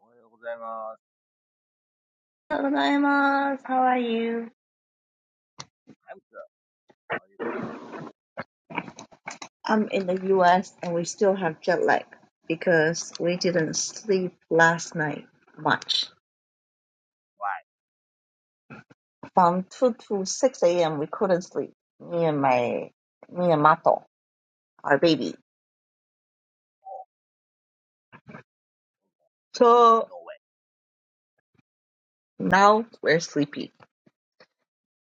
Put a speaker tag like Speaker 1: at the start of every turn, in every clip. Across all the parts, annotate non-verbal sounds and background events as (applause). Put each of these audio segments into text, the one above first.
Speaker 1: おはようございます。
Speaker 2: Hello, How are you?
Speaker 1: I'm good. How are you t w o
Speaker 2: I'm in the US and we still have jet lag because we didn't sleep last night much.
Speaker 1: Why?
Speaker 2: From 2 to 6 a.m. we couldn't sleep. Me and my, me and Mato, our baby.
Speaker 1: o
Speaker 2: So
Speaker 1: no way.
Speaker 2: now we're sleepy,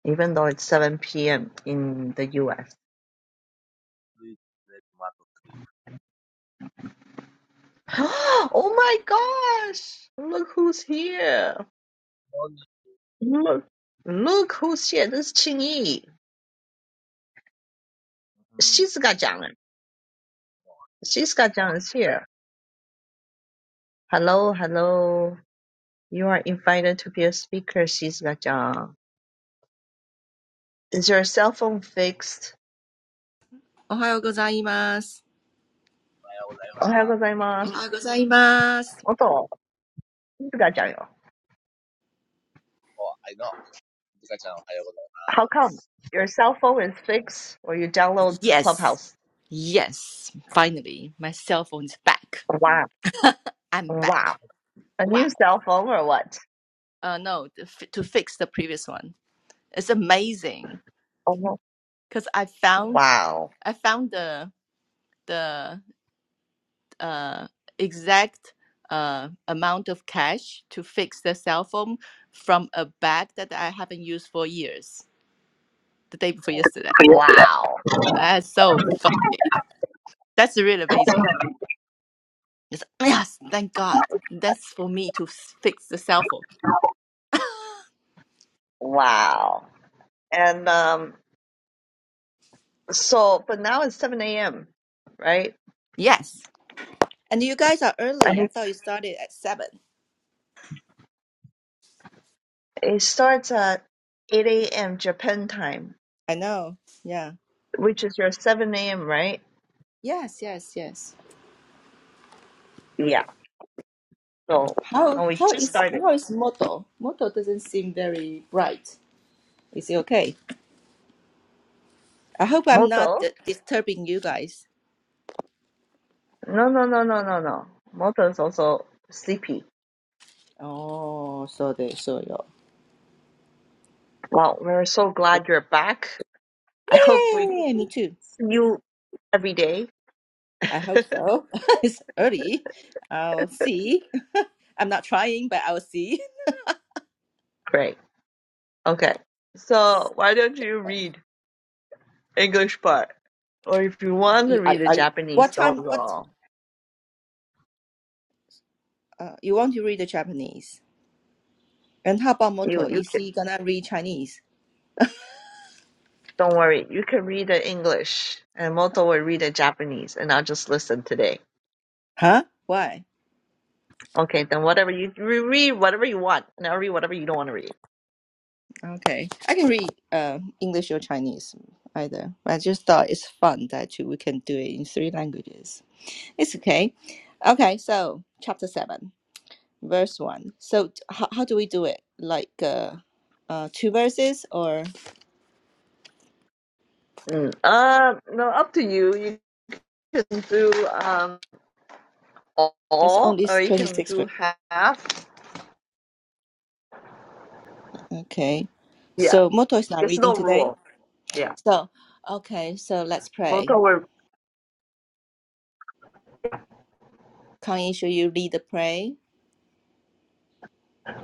Speaker 2: even though it's 7 p.m. in the US.
Speaker 1: Please let what sleep.
Speaker 2: (gasps) oh my gosh! Look who's here!
Speaker 1: こんにち
Speaker 2: Look, look who's here. This is Qingyi.
Speaker 1: は。うん。
Speaker 2: Shizuka-chan.
Speaker 1: ゆずかちゃん、
Speaker 2: Shizuka-chan is here. Hello, hello. You are invited to be a speaker, Shizuka-chan. Is your cell phone fixed?
Speaker 3: おはようございます。おはようございます。Yes,
Speaker 1: おはようございま
Speaker 2: おはようございます。元、Shizuka-chanよ。How
Speaker 1: す。お、はいの。ゆずかちゃん、おはようござい
Speaker 2: come? Your cell phone is fixed or you download
Speaker 3: yes.
Speaker 2: Clubhouse?
Speaker 3: yes, Finally, my cell phone's back.
Speaker 2: Wow.
Speaker 3: I'm
Speaker 2: Wow.
Speaker 3: back.
Speaker 2: A
Speaker 3: Wow.
Speaker 2: new cell phone or what?
Speaker 3: Uh, no, to fi- to fix the previous one. It's amazing
Speaker 2: Oh,
Speaker 3: because I found
Speaker 2: wow.
Speaker 3: I found the the uh exact uh amount of cash to fix the cell phone from a bag that I haven't used for years. The day before yesterday.
Speaker 2: Wow.
Speaker 3: That's so fun. That's really amazing. It's, yes, thank God. That's for me to s- fix the cell phone. (laughs)
Speaker 2: Wow. And um, so, but now it's 7 a.m., right?
Speaker 3: Yes. And you guys are
Speaker 2: I
Speaker 3: early. I
Speaker 2: think
Speaker 3: thought you started at seven.
Speaker 2: it starts at 8 a.m. Japan time.
Speaker 3: I know. Yeah.
Speaker 2: which is your 7 a.m., right?
Speaker 3: Yes, yes, yes.
Speaker 2: Yeah. So,
Speaker 3: How
Speaker 2: no, we
Speaker 3: how
Speaker 2: just
Speaker 3: is
Speaker 2: started.
Speaker 3: how is Moto? Moto doesn't seem very bright. Is it okay? I hope I'm not
Speaker 2: Moto?
Speaker 3: d- disturbing you guys.
Speaker 2: No, no, no, no, no, no. Moto is also sleepy.
Speaker 3: Oh, so they so you.
Speaker 2: Well, we're so glad you're back. I hope we
Speaker 3: Yay! Me too.
Speaker 2: see you every day.
Speaker 3: I hope
Speaker 2: (laughs)
Speaker 3: so. (laughs) it's early. I'll see. (laughs) I'm not trying, but I'll see.
Speaker 2: Great. Okay. So, why don't you read English part? Or if you
Speaker 3: Okay,
Speaker 2: want to
Speaker 3: you- I
Speaker 2: read the
Speaker 3: I
Speaker 2: Japanese
Speaker 3: What time? What?
Speaker 2: logo,
Speaker 3: Uh, you want to read the Japanese? And how about
Speaker 2: you,
Speaker 3: Moto?
Speaker 2: you
Speaker 3: Is
Speaker 2: can,
Speaker 3: he gonna read Chinese?
Speaker 2: don't worry. You can read the English, and Moto will read the Japanese, and I'll just listen today.
Speaker 3: Huh? Why?
Speaker 2: Okay, then whatever you re- read, whatever you want, and I'll read whatever you don't want to read.
Speaker 3: Okay, I can read uh, English or Chinese either. I just thought it's fun that you- we can do it in three languages. It's okay. Okay, so chapter seven, verse one. So t- how how do we do it? Like uh, uh, two verses, or
Speaker 2: Mm. Uh, no, up to you. You can do um
Speaker 3: it's
Speaker 2: all,
Speaker 3: only
Speaker 2: or you
Speaker 3: twenty
Speaker 2: can
Speaker 3: six
Speaker 2: do half.
Speaker 3: verses? Okay.
Speaker 2: Yeah,
Speaker 3: So Moto is not
Speaker 2: there's
Speaker 3: reading
Speaker 2: no
Speaker 3: today.
Speaker 2: rule. Yeah.
Speaker 3: So okay, so let's
Speaker 2: Well,
Speaker 3: pray.
Speaker 2: don't worry.
Speaker 3: Kang Yin, should you lead the prayer?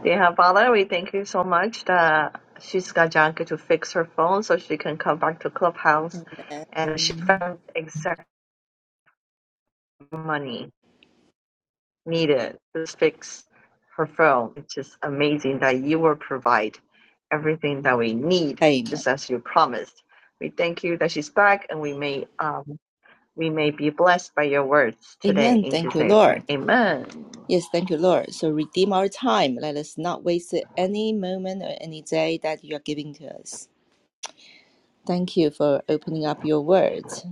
Speaker 2: Dear Father, we thank you so much that she's got Janka to fix her phone so she can come back to Clubhouse, and she
Speaker 3: Amen.
Speaker 2: found exact money. needed to fix her phone. It's just amazing that you will provide everything that we need,
Speaker 3: Amen.
Speaker 2: just as you promised. We thank you that she's back, and we may um, we may be blessed by your words today.
Speaker 3: Amen.
Speaker 2: In
Speaker 3: Thank
Speaker 2: Jesus'
Speaker 3: you,
Speaker 2: name, we pray.
Speaker 3: Lord.
Speaker 2: Amen.
Speaker 3: Yes, thank you, Lord. So redeem our time. Let us not waste any moment or any day that you are giving to us. Thank you for opening up your words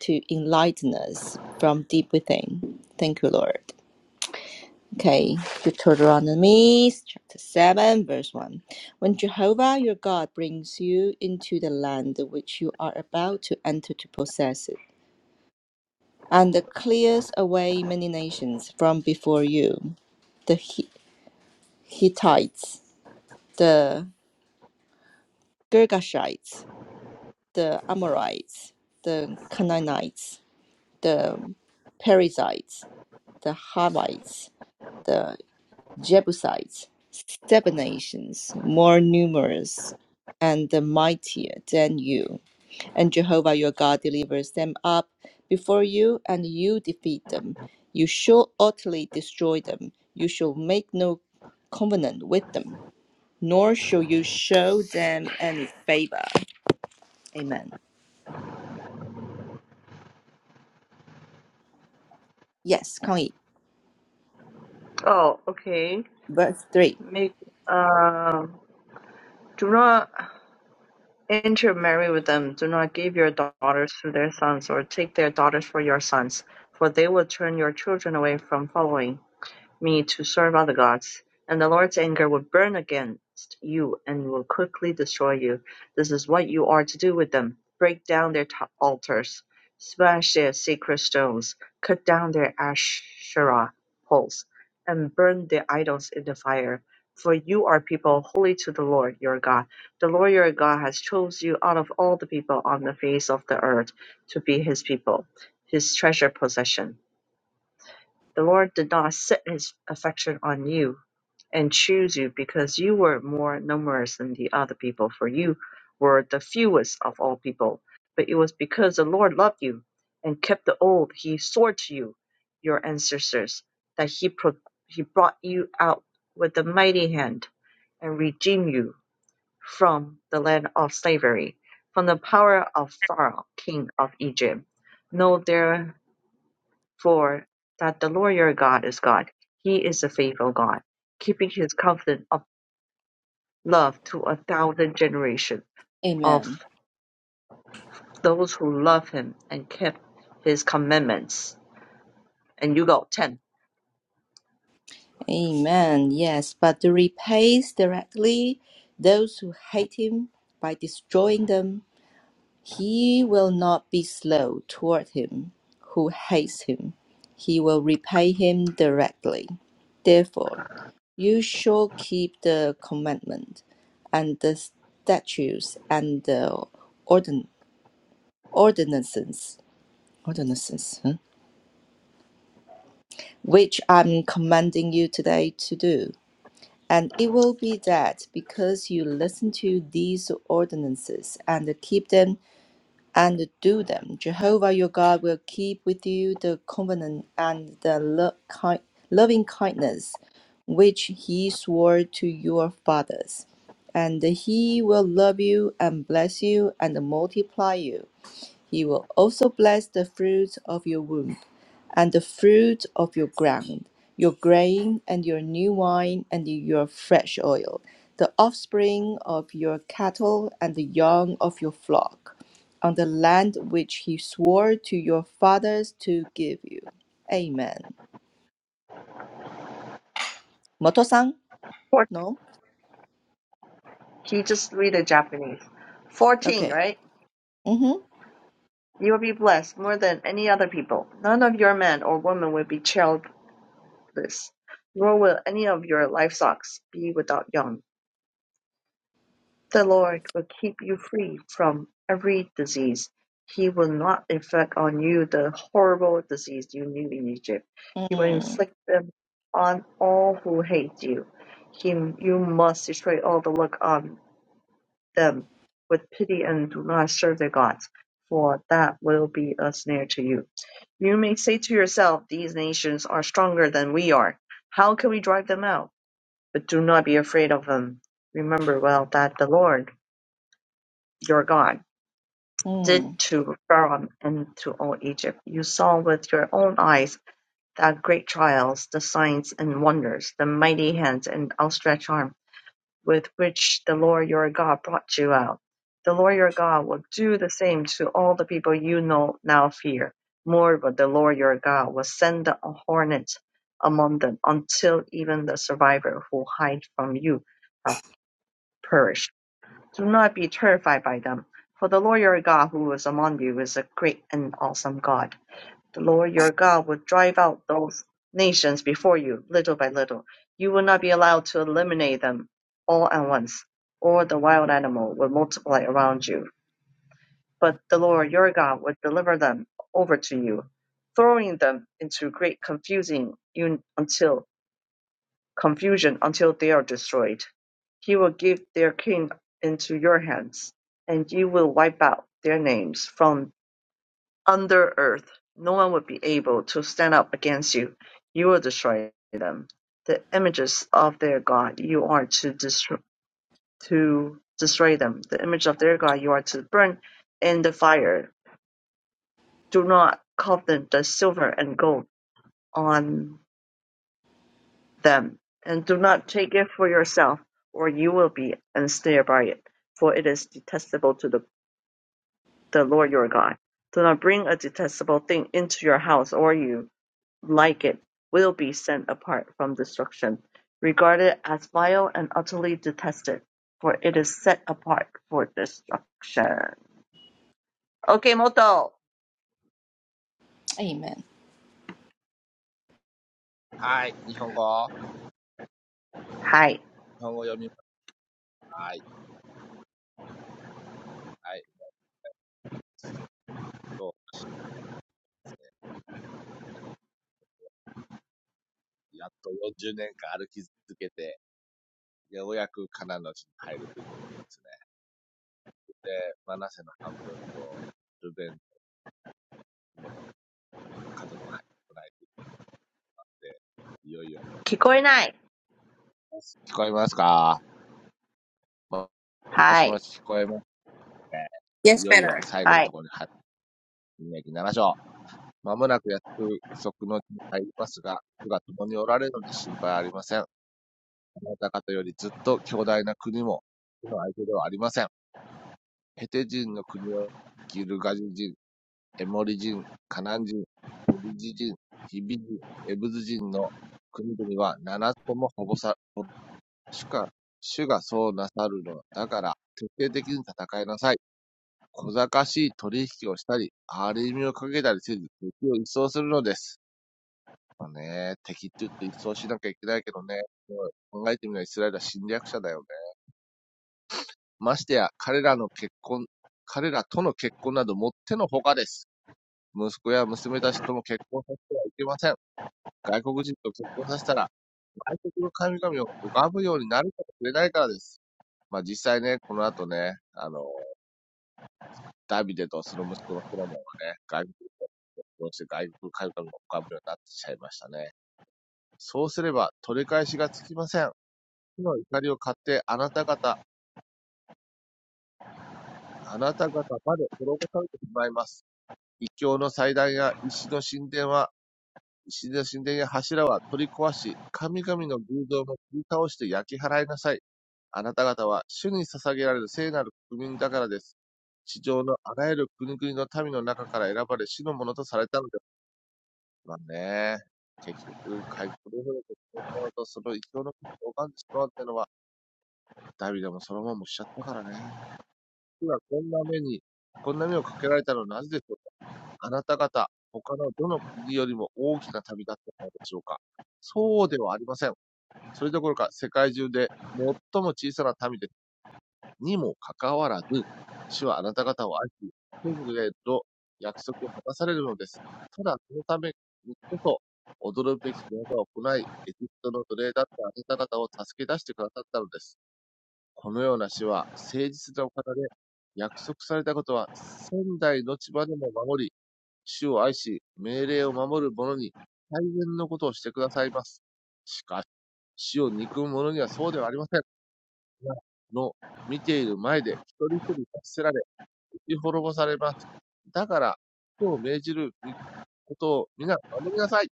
Speaker 3: to enlighten us from deep within. Thank you, Lord. Okay, Deuteronomy chapter 7, verse 1. When Jehovah your God brings you into the land which you are about to enter to possess it and clears away many nations from before you the Hi- Hittites, the Girgashites, the Amorites, the Canaanites, the Perizzites, the Hivites, the Jebusites, seven nations more numerous and mightier than you. And Jehovah your God delivers them up before you, and you defeat them. You shall utterly destroy them. You shall make no covenant with them, nor shall you show them any favor. Amen. Yes, 抗议.
Speaker 2: Oh, okay.
Speaker 3: Verse 3.
Speaker 2: Make um. Do not intermarry with them. Do not give your daughters to their sons, or take their daughters for your sons, for they will turn your children away from following. me to serve other gods, and the Lord's anger will burn against you and will quickly destroy you. This is what you are to do with them. Break down their t- altars, smash their sacred stones, cut down their Asherah poles, and burn their idols in the fire. For you are people holy to the Lord your God. The Lord your God has chosen you out of all the people on the face of the earth to be his people, his treasure possession the Lord did not set his affection on you and choose you because you were more numerous than the other people, for you were the fewest of all people. But it was because the Lord loved you and kept the oath he swore to you, your ancestors, that he, pro- he brought you out with a mighty hand and redeemed you from the land of slavery, from the power of Pharaoh, king of Egypt. No, there for That the lawyer God is God. He is a faithful God, keeping his covenant of love to a thousand generations of
Speaker 3: Amen.
Speaker 2: those who love him and kept his commandments. And you go 10.
Speaker 3: Amen. Yes, but repays directly those who hate him by destroying them He will not be slow toward him who hates him. He will repay him directly. Therefore, you shall keep the commandment and the statutes and the ordin- ordinances, ordinances huh? which I'm commanding you today to do. And it will be that because you listen to these ordinances and keep them, and do them. Jehovah your God will keep with you the covenant and the lo- ki- loving kindness which he swore to your fathers. And he will love you and bless you and multiply you he will also bless the fruit of your womb, and the fruit of your ground, your grain, and your new wine, and your fresh oil, the offspring of your cattle, and the young of your flock, on the land which he swore to your fathers to give you. Amen. Moto-san?
Speaker 2: Four.
Speaker 3: No?
Speaker 2: He just read the Japanese. 14,
Speaker 3: Okay.
Speaker 2: right?
Speaker 3: Mm-hmm.
Speaker 2: You will be blessed
Speaker 1: ます。
Speaker 2: more than any other people. None of your men or women will be childless, nor will any of your livestock be without young The Lord will keep you free from every disease. He will not inflict on you the horrible disease you knew in Egypt. He will
Speaker 3: Mm.
Speaker 2: inflict them on all who hate you. He, you must destroy all the look on them with pity and do not serve their gods, for that will be a snare to you. You may say to yourself, These nations are stronger than we are. How can we drive them out? But do not be afraid of them. Remember well that the Lord your God did
Speaker 3: Mm.
Speaker 2: to Pharaoh and to all Egypt. You saw with your own eyes the great trials, the signs and wonders, the mighty hands and outstretched arm with which the Lord your God brought you out. The Lord your God will do the same to all the people you know now fear. Moreover, the Lord your God will send the hornets among them until even the survivor who hide from you have perished do not be terrified by them, for the Lord your God who is among you is a great and awesome God. The Lord your God will drive out those nations before you, little by little. You will not be allowed to eliminate them all at once, or the wild animal will multiply around you. But the Lord your God will deliver them over to you, throwing them into great confusing until confusion until they are destroyed. He will give their king into your hands, and you will wipe out their names from under earth. No one will be able to stand up against you. You will destroy them. The images of their God you are to destroy, to destroy them. The image of their God you are to burn in the fire. Do not covet the silver and gold on them, and do not take it for yourself, or you will be and sneer by it, for it is detestable to the, the Lord your God. Do not bring a detestable thing into your house, or you, like it, will be sent apart from destruction. Regard it as vile and utterly detested, for it is set apart for destruction. Okay, Moto.
Speaker 3: Amen.
Speaker 1: はい。日本語。
Speaker 2: Hi.
Speaker 1: 日本語読みます。はい。はい。やっと、ですね。やっと40年間歩き続けて、ようやくカナンの地に入るというところですね。で、マナセの半分と、ルベンも、の家族が入ってこないと言って、いよいよ、最
Speaker 2: Kikoi
Speaker 1: 後
Speaker 2: nai.
Speaker 1: 聞こえますかもし
Speaker 2: Hi.
Speaker 1: もし聞こえますね。
Speaker 3: Yes,
Speaker 1: いよいよ
Speaker 3: better.
Speaker 1: 最後の
Speaker 2: Hi.
Speaker 1: ところに入って、ょ章。まもなく約束の地に入りますが、主が共におられるので心配はありません。あなた方よりずっと強大な国も、主の相手ではありません。ヘテ人の国を、ギルガジ人、エモリ人、カナン人、ペリジ人、ヒビ人、エブズ人の国々は7つともほぼさ、主が主がそうなさるのだから、徹底的に戦いなさい。小賢しい取引をしたり、張り身をかけたりせず、敵を一掃するのです。まあね、敵って言っと一掃しなきゃいけないけどね、考えてみればイスラエルは侵略者だよね。ましてや、彼らの結婚、彼らとの結婚などもってのほかです。息子や娘たちとも結婚させてはいけません。外国人と結婚させたら、外国の神々を拝むようになるかもしれないからです。まあ実際ね、この後ね、あの、ダビデとその息子のソロモンはね、外国として外国神々のおかぶりになってしちゃいましたね。そうすれば取り返しがつきません。火の怒りを買ってあなた方、あなた方まで滅ぼされてしまいます。異教の祭壇や石の神殿は、石の神殿や柱は取り壊し、神々の偶像も切り倒して焼き払いなさい。あなた方は主に捧げられる聖なる国民だからです。地上のあらゆる国々の民の中から選ばれ、死のものとされたのでまあね、結局、回復労力を使うと、その生のことを拝んでしまうっていうのは、ダビデもソロモンもしちゃったからね。今こんな目に、こんな目をかけられたのはなぜでしょうかあなた方、他のどの国よりも大きな旅だったのでしょうかそうではありません。それどころか世界中で最も小さな民でにもかかわらず、主はあなた方を愛し、天国への約束を果たされるのです。ただ、そのためにこそ、驚くべき技を行い、エジプトの奴隷だったあなた方を助け出してくださったのです。このような主は、誠実なお方で、約束されたことは、仙台の千葉でも守り、主を愛し、命令を守る者に、最善のことをしてくださいます。しかし、主を憎む者にはそうではありません。がの見ている前で一人一人罰せられ、打ち滅ぼされます。だから、今日命じることを皆守りなさい。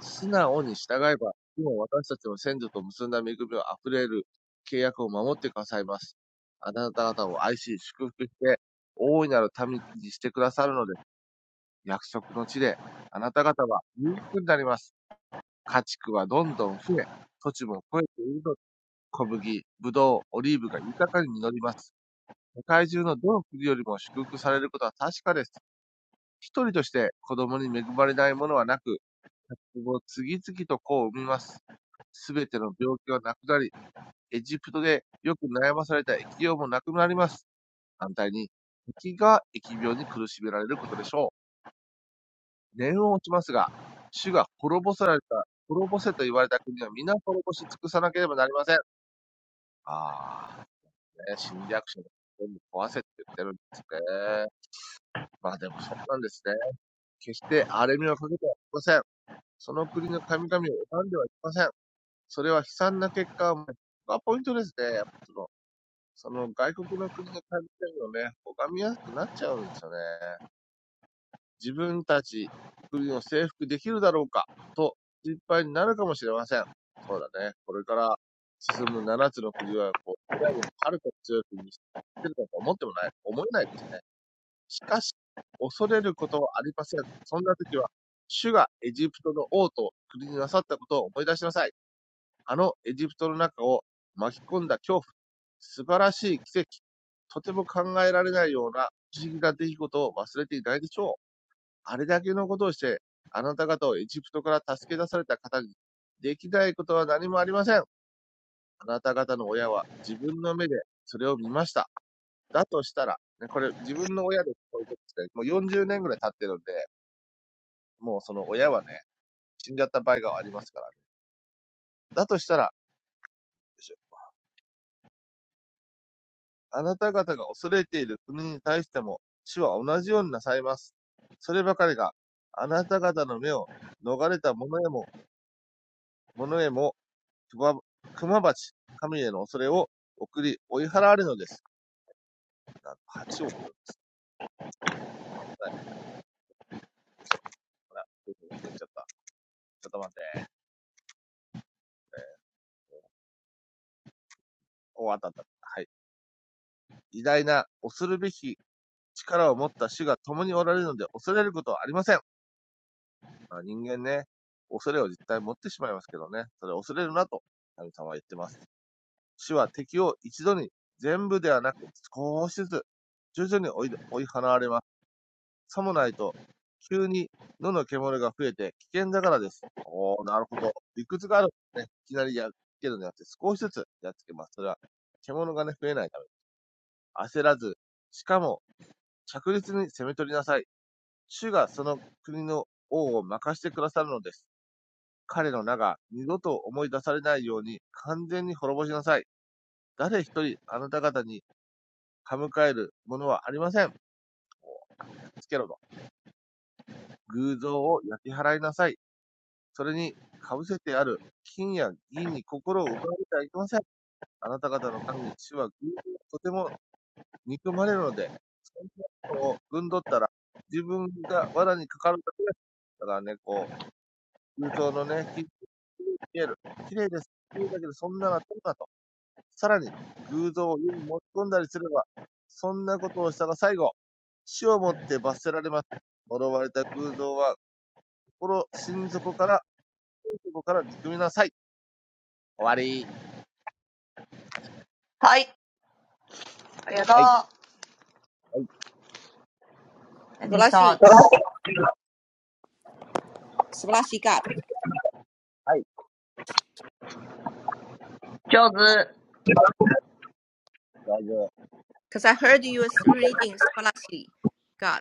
Speaker 1: 素直に従えば、今私たちの先祖と結んだ恵みを溢れる契約を守ってくださいます。あなた方を愛し、祝福して、大いなる民にしてくださるのです、約束の地で、あなた方は裕福になります。家畜はどんどん増え、土地も肥えているので、小麦、ぶどう、オリーブが豊かに実ります。世界中のどの国よりも祝福されることは確かです。一人として子供に恵まれないものはなく、今後次々と子を産みます。すべての病気はなくなり、エジプトでよく悩まされた疫病もなくなります。反対に、敵が疫病に苦しめられることでしょう。念を落ちますが、主が滅ぼされた、滅ぼせと言われた国は皆滅ぼし尽くさなければなりません。ああ、ね、侵略者が全部壊せって言ってるんですね。まあでもそうなんですね。決して荒れみをかけてはいけません。その国の神々を拝んではいけません。それは悲惨な結果を招く。ここがポイントですね。その、その外国の国の神々をね、拝みやすくなっちゃうんですよね。自分たち国を征服できるだろうか、と心配になるかもしれません。そうだね。これから進む七つの国は、こう、イラをはるかに強い国にしてるかと思ってもない、思えないですね。しかし、恐れることはありません。そんな時は、主がエジプトの王と国になさったことを思い出しなさい。あのエジプトの中を巻き込んだ恐怖、素晴らしい奇跡、とても考えられないような不思議な出来事を忘れていないでしょう。あれだけのことをして、あなた方をエジプトから助け出された方に、できないことは何もありません。あなた方の親は自分の目でそれを見ました。だとしたら、ね、これ自分の親でこういうことって、もう40年ぐらい経ってるんで、もうその親はね、死んじゃった場合がありますからね。だとしたら、あなた方が恐れている国に対しても、主は同じようになさいます。そればかりが、あなた方の目を逃れた者へも、者へも、熊バ鉢、神への恐れを送り、追い払われるのです。なんと8億です。はい。どうしようかな。どういうふうに言っちゃった。ちょっと待って。お、あったあった。はい。偉大な恐るべき力を持った主が共におられるので恐れることはありません。まあ、人間ね、恐れを実体持ってしまいますけどね、それ恐れるなと神様は言ってます。主は敵を一度に全部ではなく少しずつ徐々に追い追い払われます。さもないと急に野の獣が増えて危険だからです。おー、なるほど。理屈がある。ね、いきなりやっつけるのではなくて少しずつやっつけます。それは獣がね、増えないために焦らず、しかも着実に攻め取りなさい。主がその国の王を任してくださるのです。彼の名が二度と思い出されないように完全に滅ぼしなさい。誰一人あなた方に歯向かえるものはありません。やっつけろと。偶像を焼き払いなさい。それに被せてある金や銀に心を浮かべてはいけません。あなた方の神、主は偶像をとても憎まれるので、そんなことをぶんどったら自分が罠にかかるだけです。だからね、こう、空洞のね、き見える。綺麗です。だけど、そんなのはどうだと。さらに、偶像を湯に持ち込んだりすれば、そんなことをしたら最後、死をもって罰せられます。呪われた偶像は、心、心底から、心から憎みなさい。終わり。
Speaker 2: Hi.
Speaker 1: はい、
Speaker 2: Arigatou.
Speaker 1: はい、
Speaker 2: Any thoughts?
Speaker 3: 素晴らしい。素晴らしいGod。
Speaker 1: はい、
Speaker 2: 上手。
Speaker 1: 大丈夫。
Speaker 3: Because I heard you was reading scholarly God.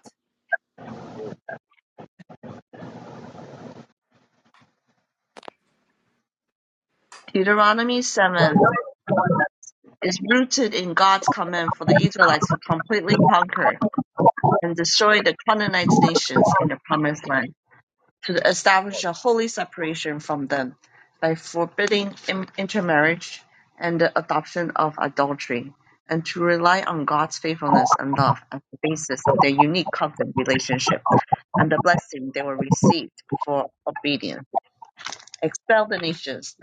Speaker 2: Deuteronomy 7 is rooted in God's command for the Israelites to completely conquer and destroy the Canaanite nations in the Promised Land, to establish a holy separation from them by forbidding intermarriage and the adoption of adultery, and to rely on God's faithfulness and love as the basis of their unique covenant relationship and the blessing they will receive for obedience. Expel the nations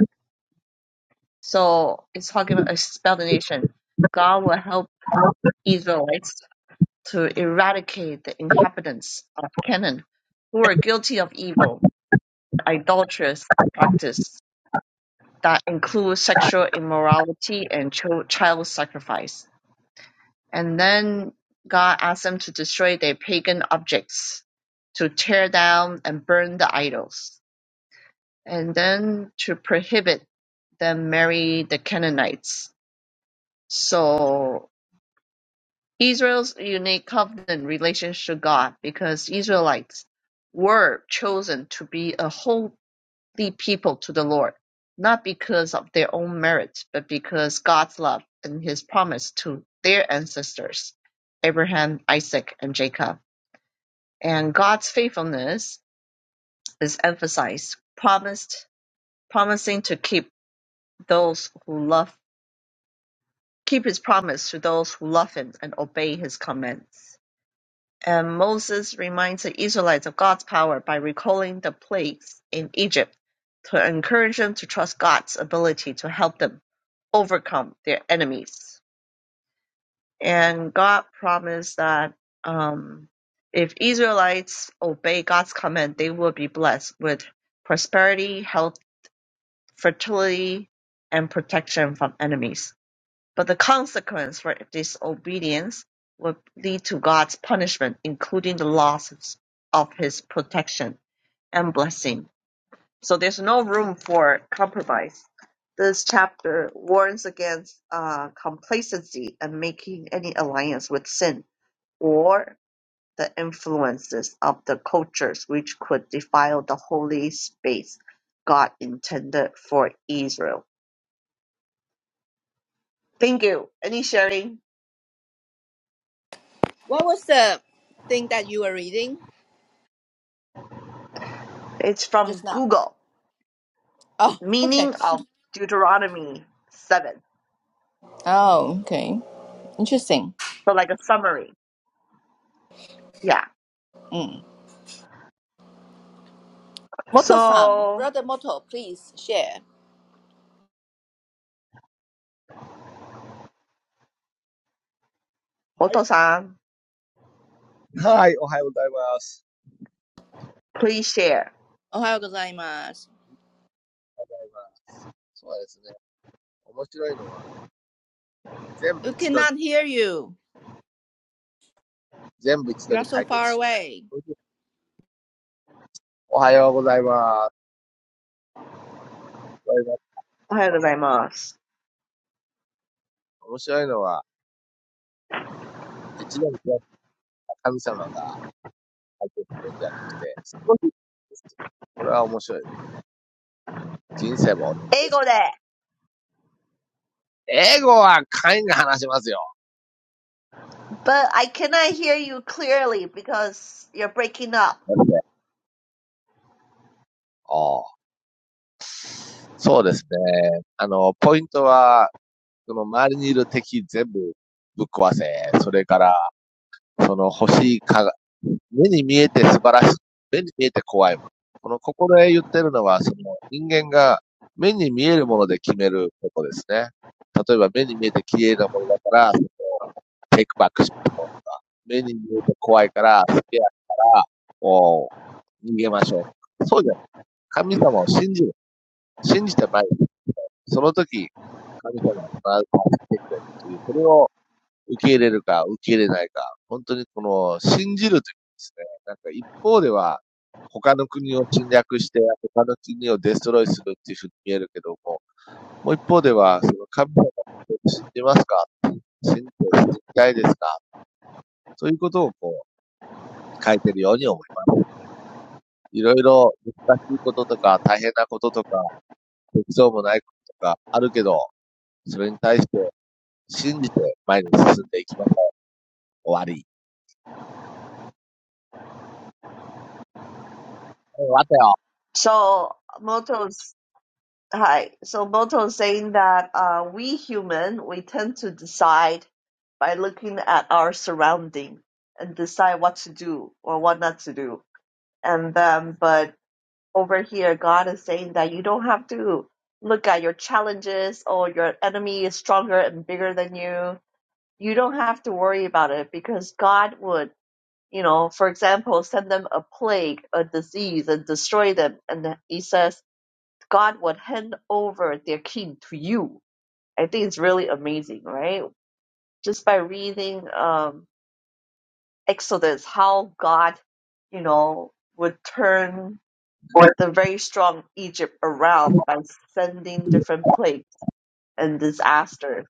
Speaker 2: So it's talking about explanation. God will help Israelites to eradicate the inhabitants of Canaan who are guilty of evil, idolatrous practice that includes sexual immorality and chil- child sacrifice. And then God asks them to destroy their pagan objects, to tear down and burn the idols, and then to prohibit them marry the Canaanites. So Israel's unique covenant relationship to God because Israelites were chosen to be a holy people to the Lord, not because of their own merits, but because God's love and his promise to their ancestors, Abraham, Isaac, and Jacob. And God's faithfulness is emphasized, promised, promising to keep those who love, keep his promise to those who love him and obey his commands. And Moses reminds the Israelites of God's power by recalling the plagues in Egypt to encourage them to trust God's ability to help them overcome their enemies. And God promised that um, if Israelites obey God's command, they will be blessed with prosperity, health, fertility, and protection from enemies. But the consequence for disobedience would lead to God's punishment, including the loss of his protection and blessing. So there's no room for compromise. This chapter warns against uh, complacency and making any alliance with sin or the influences of the cultures which could defile the holy space God intended for Israel. Thank you. Any sharing?
Speaker 3: What was the thing that you were reading
Speaker 2: It's
Speaker 3: just
Speaker 2: from
Speaker 3: now? (laughs)
Speaker 2: Google.
Speaker 3: Oh, okay.
Speaker 2: meaning of Deuteronomy 7.
Speaker 3: Oh, okay. Interesting.
Speaker 2: So like a summary. Yeah.
Speaker 3: Mm. Moto-san,
Speaker 2: So,
Speaker 3: brother Moto, please share.
Speaker 1: はい。
Speaker 2: Oto-san,
Speaker 1: はい、おはようございます。
Speaker 2: please share.
Speaker 3: Ohayou gozaimasu.
Speaker 1: おはようございます。そうですね。面白いのは、全部
Speaker 3: We
Speaker 1: 一度に、
Speaker 3: cannot hear you.
Speaker 1: 全部一度
Speaker 3: You are
Speaker 1: に
Speaker 3: so
Speaker 1: 解決
Speaker 3: far
Speaker 1: しない。
Speaker 3: away.
Speaker 1: おはようございます。おはようございます
Speaker 2: おはようございます.
Speaker 1: 面白いのは、一年開いた神様が入っているんじゃなくて、少しこれは面白い。人生も同じです。英語は会員が話しますよ。
Speaker 2: But I cannot hear you clearly because you're breaking up.
Speaker 1: なんでああそうですね。あの、ポイントは、その周りにいる敵全部ぶっ壊せ。それから、その欲しいか、目に見えて素晴らしい。目に見えて怖い。この、ここで言ってるのは、その人間が目に見えるもので決めることですね。例えば目に見えて綺麗なものだから、テイクバックしましょうとか、目に見えて怖いから、好きやから、もう逃げましょう。そうじゃない神様を信じる。信じてまいる。その時、神様が必ず助けてくれるという、それを受け入れるか受け入れないか、本当にこの信じるというですね、なんか一方では、他の国を侵略して、他の国をデストロイするっていうふうに見えるけども、もう一方では、その神様を信じますか信じて信じたいですかそういうことをこう、書いてるように思います。いろいろ難しいこととか大変なこととか、適うもないこととかあるけど、それに対して信じて前に進んでいきましょう。終わり。終わったよ。
Speaker 2: So, Moto's, hi. So, Moto's saying that uh, we human, we tend to decide by looking at our surrounding and decide what to do or what not to do. And then, but over here, God is saying that you don't have to look at your challenges or your enemy is stronger and bigger than you. You don't have to worry about it because God would, you know, for example, send them a plague, a disease, and destroy them. And he says, God would hand over their king to you. I think it's really amazing, right? Just by reading um, Exodus, how God, you know, would turn
Speaker 1: これ
Speaker 2: the very strong Egypt around by sending different plagues and disasters.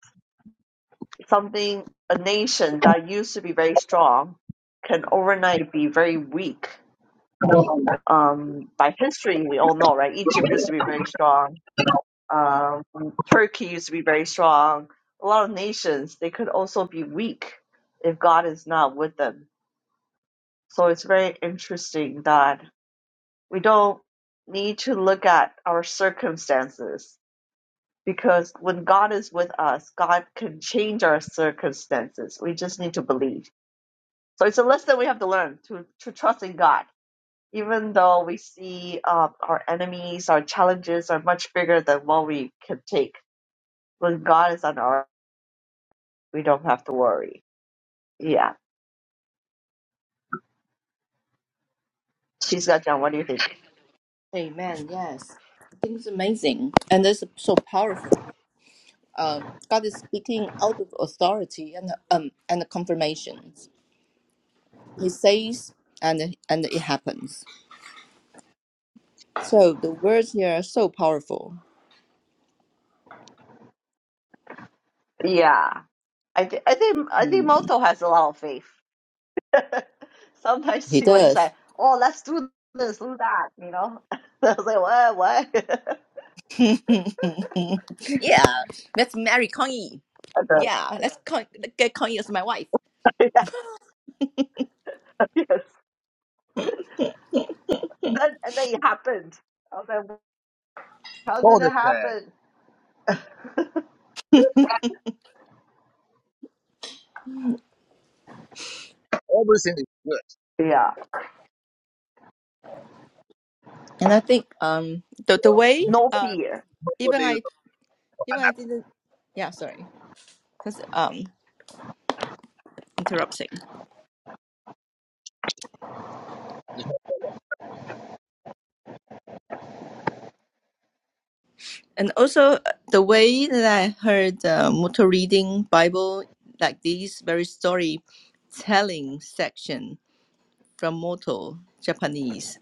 Speaker 2: Something, a nation that used to be very strong can overnight be very weak. Um, by history, we all know, right? Egypt used to be very strong. Um, Turkey used to be very strong. A lot of nations, they could also be weak if God is not with them. So it's very interesting that we don't need to look at our circumstances because when God is with us, God can change our circumstances. We just need to believe. So it's a lesson we have to learn to, to trust in God, even though we see um, our enemies, our challenges are much bigger than what we can take. When God is on our, we don't have to worry. Yeah, she's got John. What do you think?
Speaker 3: Amen. Yes. I think It's amazing and it's so powerful. Um, God is speaking out of authority and um and confirmations. He says and and it happens. So the words here are so powerful.
Speaker 2: Yeah, I think I think I
Speaker 3: Hmm,
Speaker 2: think Moto has a lot of faith. (laughs) Sometimes
Speaker 3: he
Speaker 2: she would just
Speaker 3: does.
Speaker 2: say, "Oh, let's do this, do that," you know. (laughs) I was like, "What? What?" (laughs) I
Speaker 3: (laughs) yeah, let's marry Kong Yi.
Speaker 2: don't know.
Speaker 3: Yeah, let's con- get Kong Yi as my wife.
Speaker 2: Yeah, (laughs) yes. Then and then it happened. I was like, how
Speaker 1: そ
Speaker 2: did
Speaker 1: う
Speaker 2: it
Speaker 1: ですね。
Speaker 2: happen?
Speaker 1: Everything is good.
Speaker 2: Yeah.
Speaker 3: And I think um the the way
Speaker 2: No
Speaker 3: um
Speaker 2: fear.
Speaker 1: 日本語
Speaker 3: even
Speaker 1: で言う
Speaker 3: I
Speaker 1: と。
Speaker 3: even I didn't yeah sorry because um interrupting
Speaker 1: 日本
Speaker 3: and also uh, the way that I heard uh, Mutu reading Bible like these very story telling section from Moto Japanese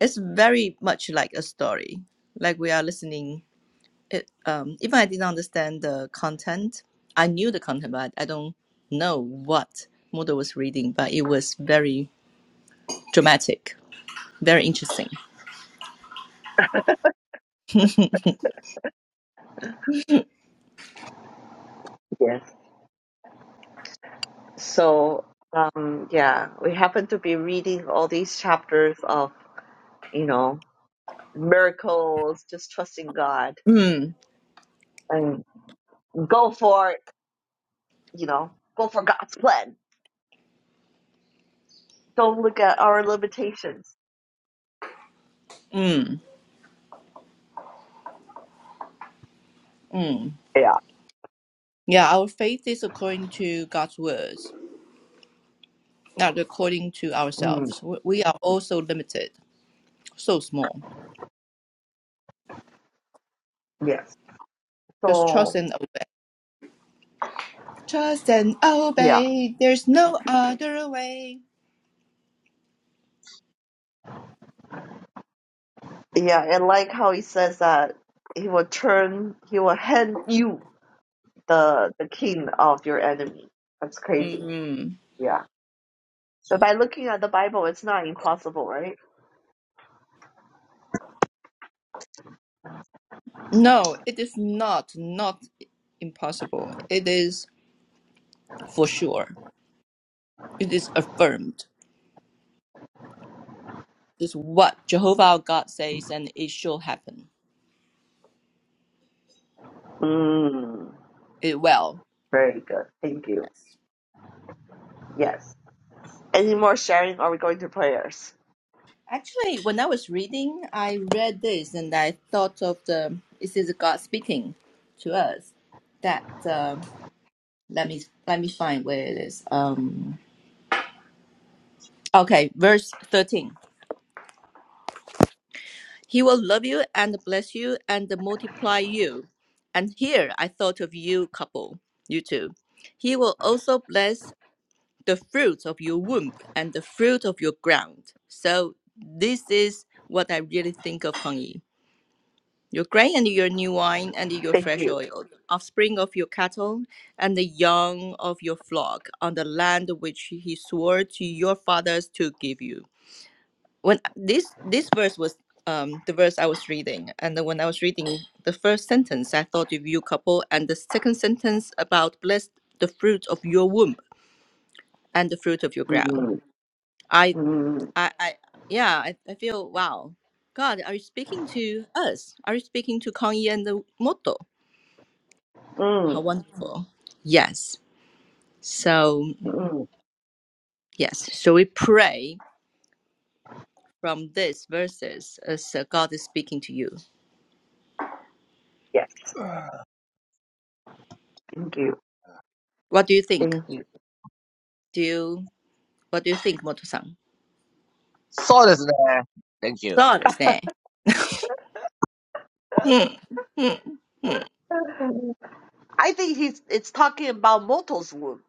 Speaker 3: it's very much like a story like we are listening it um even i didn't understand the content i knew the content but i don't know what Moodle was reading but it was very dramatic very interesting
Speaker 2: Yes. So um yeah, we happen to be reading all these chapters of, you know, miracles, just trusting God
Speaker 3: mm,
Speaker 2: and go for you know, go for God's plan. Don't look at our limitations.
Speaker 3: mm, mm.
Speaker 2: Yeah.
Speaker 3: yeah our faith is according to god's words not according to
Speaker 2: Mm,
Speaker 3: ourselves we we are also limited so small
Speaker 2: yes.
Speaker 3: just trust
Speaker 2: So
Speaker 3: and obey trust and
Speaker 2: yeah.
Speaker 3: obey there's no other way
Speaker 2: Yeah, and like how he says that he will turn he will hand you the the king of your enemy. That's crazy.
Speaker 3: mm
Speaker 2: Yeah. But by looking at the Bible, it's not impossible, right?
Speaker 3: No, it is not not impossible. It is for sure. It is affirmed. It's what Jehovah our God says, and it shall happen.
Speaker 2: Mm,
Speaker 3: It will.
Speaker 2: very good. Thank you. Yes. Any more sharing? Or Are we going to prayers?
Speaker 3: Actually, when I was reading, I read this and I thought of the. This is God speaking to us. That um let me let me find where it is. Um. Okay, verse thirteen. He will love you and bless you and multiply you. And here I thought of you, couple, you two. He will also bless the fruit of your womb and the fruit of your ground. So this is what I really think of Hong Yi. Your grain and your new wine and your
Speaker 2: Thank
Speaker 3: fresh
Speaker 2: you.
Speaker 3: oil, offspring of your cattle and the young of your flock on the land which he swore to your fathers to give you when this this verse was um the verse I was reading, and then when I was reading the first sentence, I thought of you couple, and the second sentence about blessed the fruit of your womb and the fruit of your ground.
Speaker 2: Mm,
Speaker 3: I
Speaker 2: mm,
Speaker 3: I, I yeah, I, I feel wow. God, are you speaking to us? Are you speaking to Kanye and the Moto? How
Speaker 2: mm,
Speaker 3: wonderful. Yes. So
Speaker 2: mm.
Speaker 3: yes. So we pray from this verses as uh, God is speaking to you.
Speaker 2: Yes. Thank you.
Speaker 3: What do you think?
Speaker 2: Thank you.
Speaker 3: Do you What do you think, Moto-san?
Speaker 1: そうですね。Thank you.
Speaker 3: そうですね。うん。うん。うん。Moto-san?
Speaker 2: (laughs) I think he's it's talking about Moto's womb.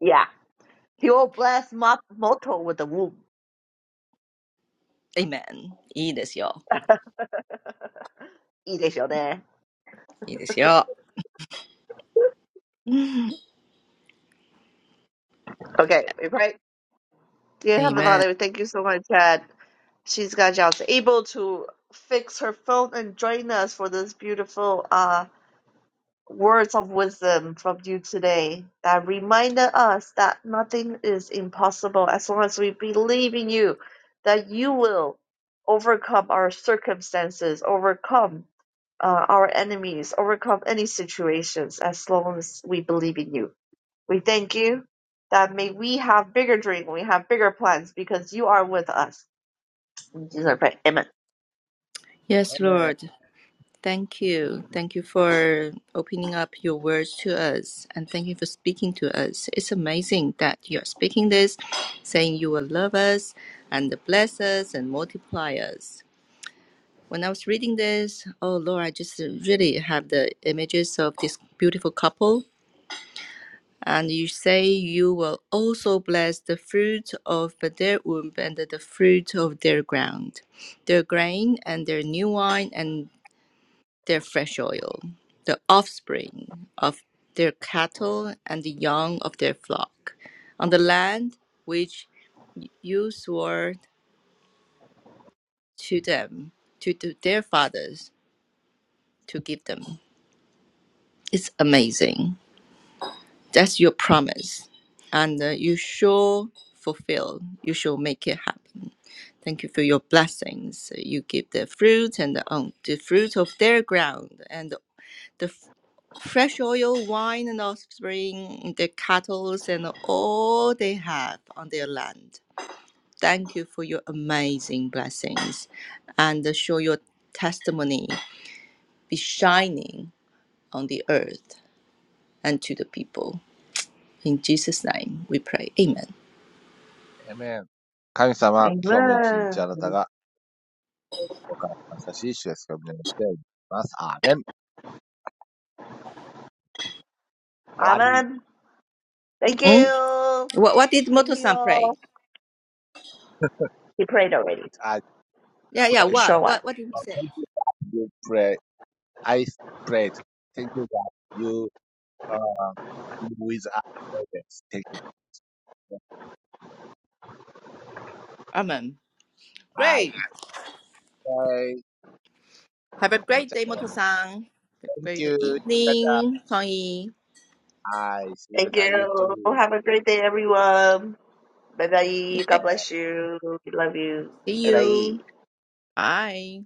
Speaker 2: Yeah. He will bless Mo- Moto with the womb.
Speaker 3: Amen.
Speaker 2: いいですよね。Okay,
Speaker 3: いいですよ。いいですよ。うん
Speaker 2: we pray.
Speaker 3: (laughs)
Speaker 2: Dear Heavenly
Speaker 3: Amen.
Speaker 2: Father, we thank you so much, Chad. she's got jobs able to fix her phone and join us for this beautiful uh words of wisdom from you today that reminded us that nothing is impossible as long as we believe in you that you will overcome our circumstances overcome uh, our enemies overcome any situations as long as we believe in you we thank you that may we have bigger dreams we have bigger plans because you are with us in Jesus' name, amen.
Speaker 3: Yes, Lord. Thank you. Thank you for opening up your words to us and thank you for speaking to us. It's amazing that you're speaking this, saying you will love us and bless us and multiply us. When I was reading this, oh Lord, I just really have the images of this beautiful couple And you say you will also bless the fruit of their womb and the fruit of their ground, their grain and their new wine and their fresh oil, the offspring of their cattle and the young of their flock, on the land which you swore to them, to, to their fathers, to give them. It's amazing. That's your promise, and uh, you shall fulfill. You shall make it happen. Thank you for your blessings. You give the fruit and the, um, the fruit of their ground and the f- fresh oil, wine and offspring, the cattle and all they have on their land. Thank you for your amazing blessings and uh, show your testimony be shining on the earth and to the people. In Jesus' name we pray. Amen.
Speaker 1: Amen. 神様、今日も一日あ
Speaker 2: Amen.
Speaker 1: なたがお母さん優しい主ですが、胸を入れます。アーメン。終わり。
Speaker 2: Amen. Thank
Speaker 1: I,
Speaker 2: you.
Speaker 3: What, what did
Speaker 2: Thank you
Speaker 3: Moto-san pray?
Speaker 2: all. He prayed already.
Speaker 1: I
Speaker 3: Yeah, yeah.
Speaker 1: pray.
Speaker 3: What,
Speaker 2: Sure one.
Speaker 3: what, what did he say?
Speaker 1: Thank you, God. You pray. I prayed. Thank you, God. You Uh, with others. Thank you.
Speaker 3: Amen.
Speaker 1: Hi.
Speaker 3: Great.
Speaker 1: Bye.
Speaker 3: Have a great day, Moto-san. Have a
Speaker 1: Thank you.
Speaker 3: great
Speaker 1: Look at the
Speaker 3: evening, Tony.
Speaker 1: eyes. Look at
Speaker 2: Thank
Speaker 1: You
Speaker 2: you.
Speaker 1: too. Yeah.
Speaker 2: Have a great day, everyone. Bye bye.
Speaker 3: Okay,
Speaker 2: God bless you. We love you.
Speaker 3: see
Speaker 2: Bye bye.
Speaker 3: you. Bye.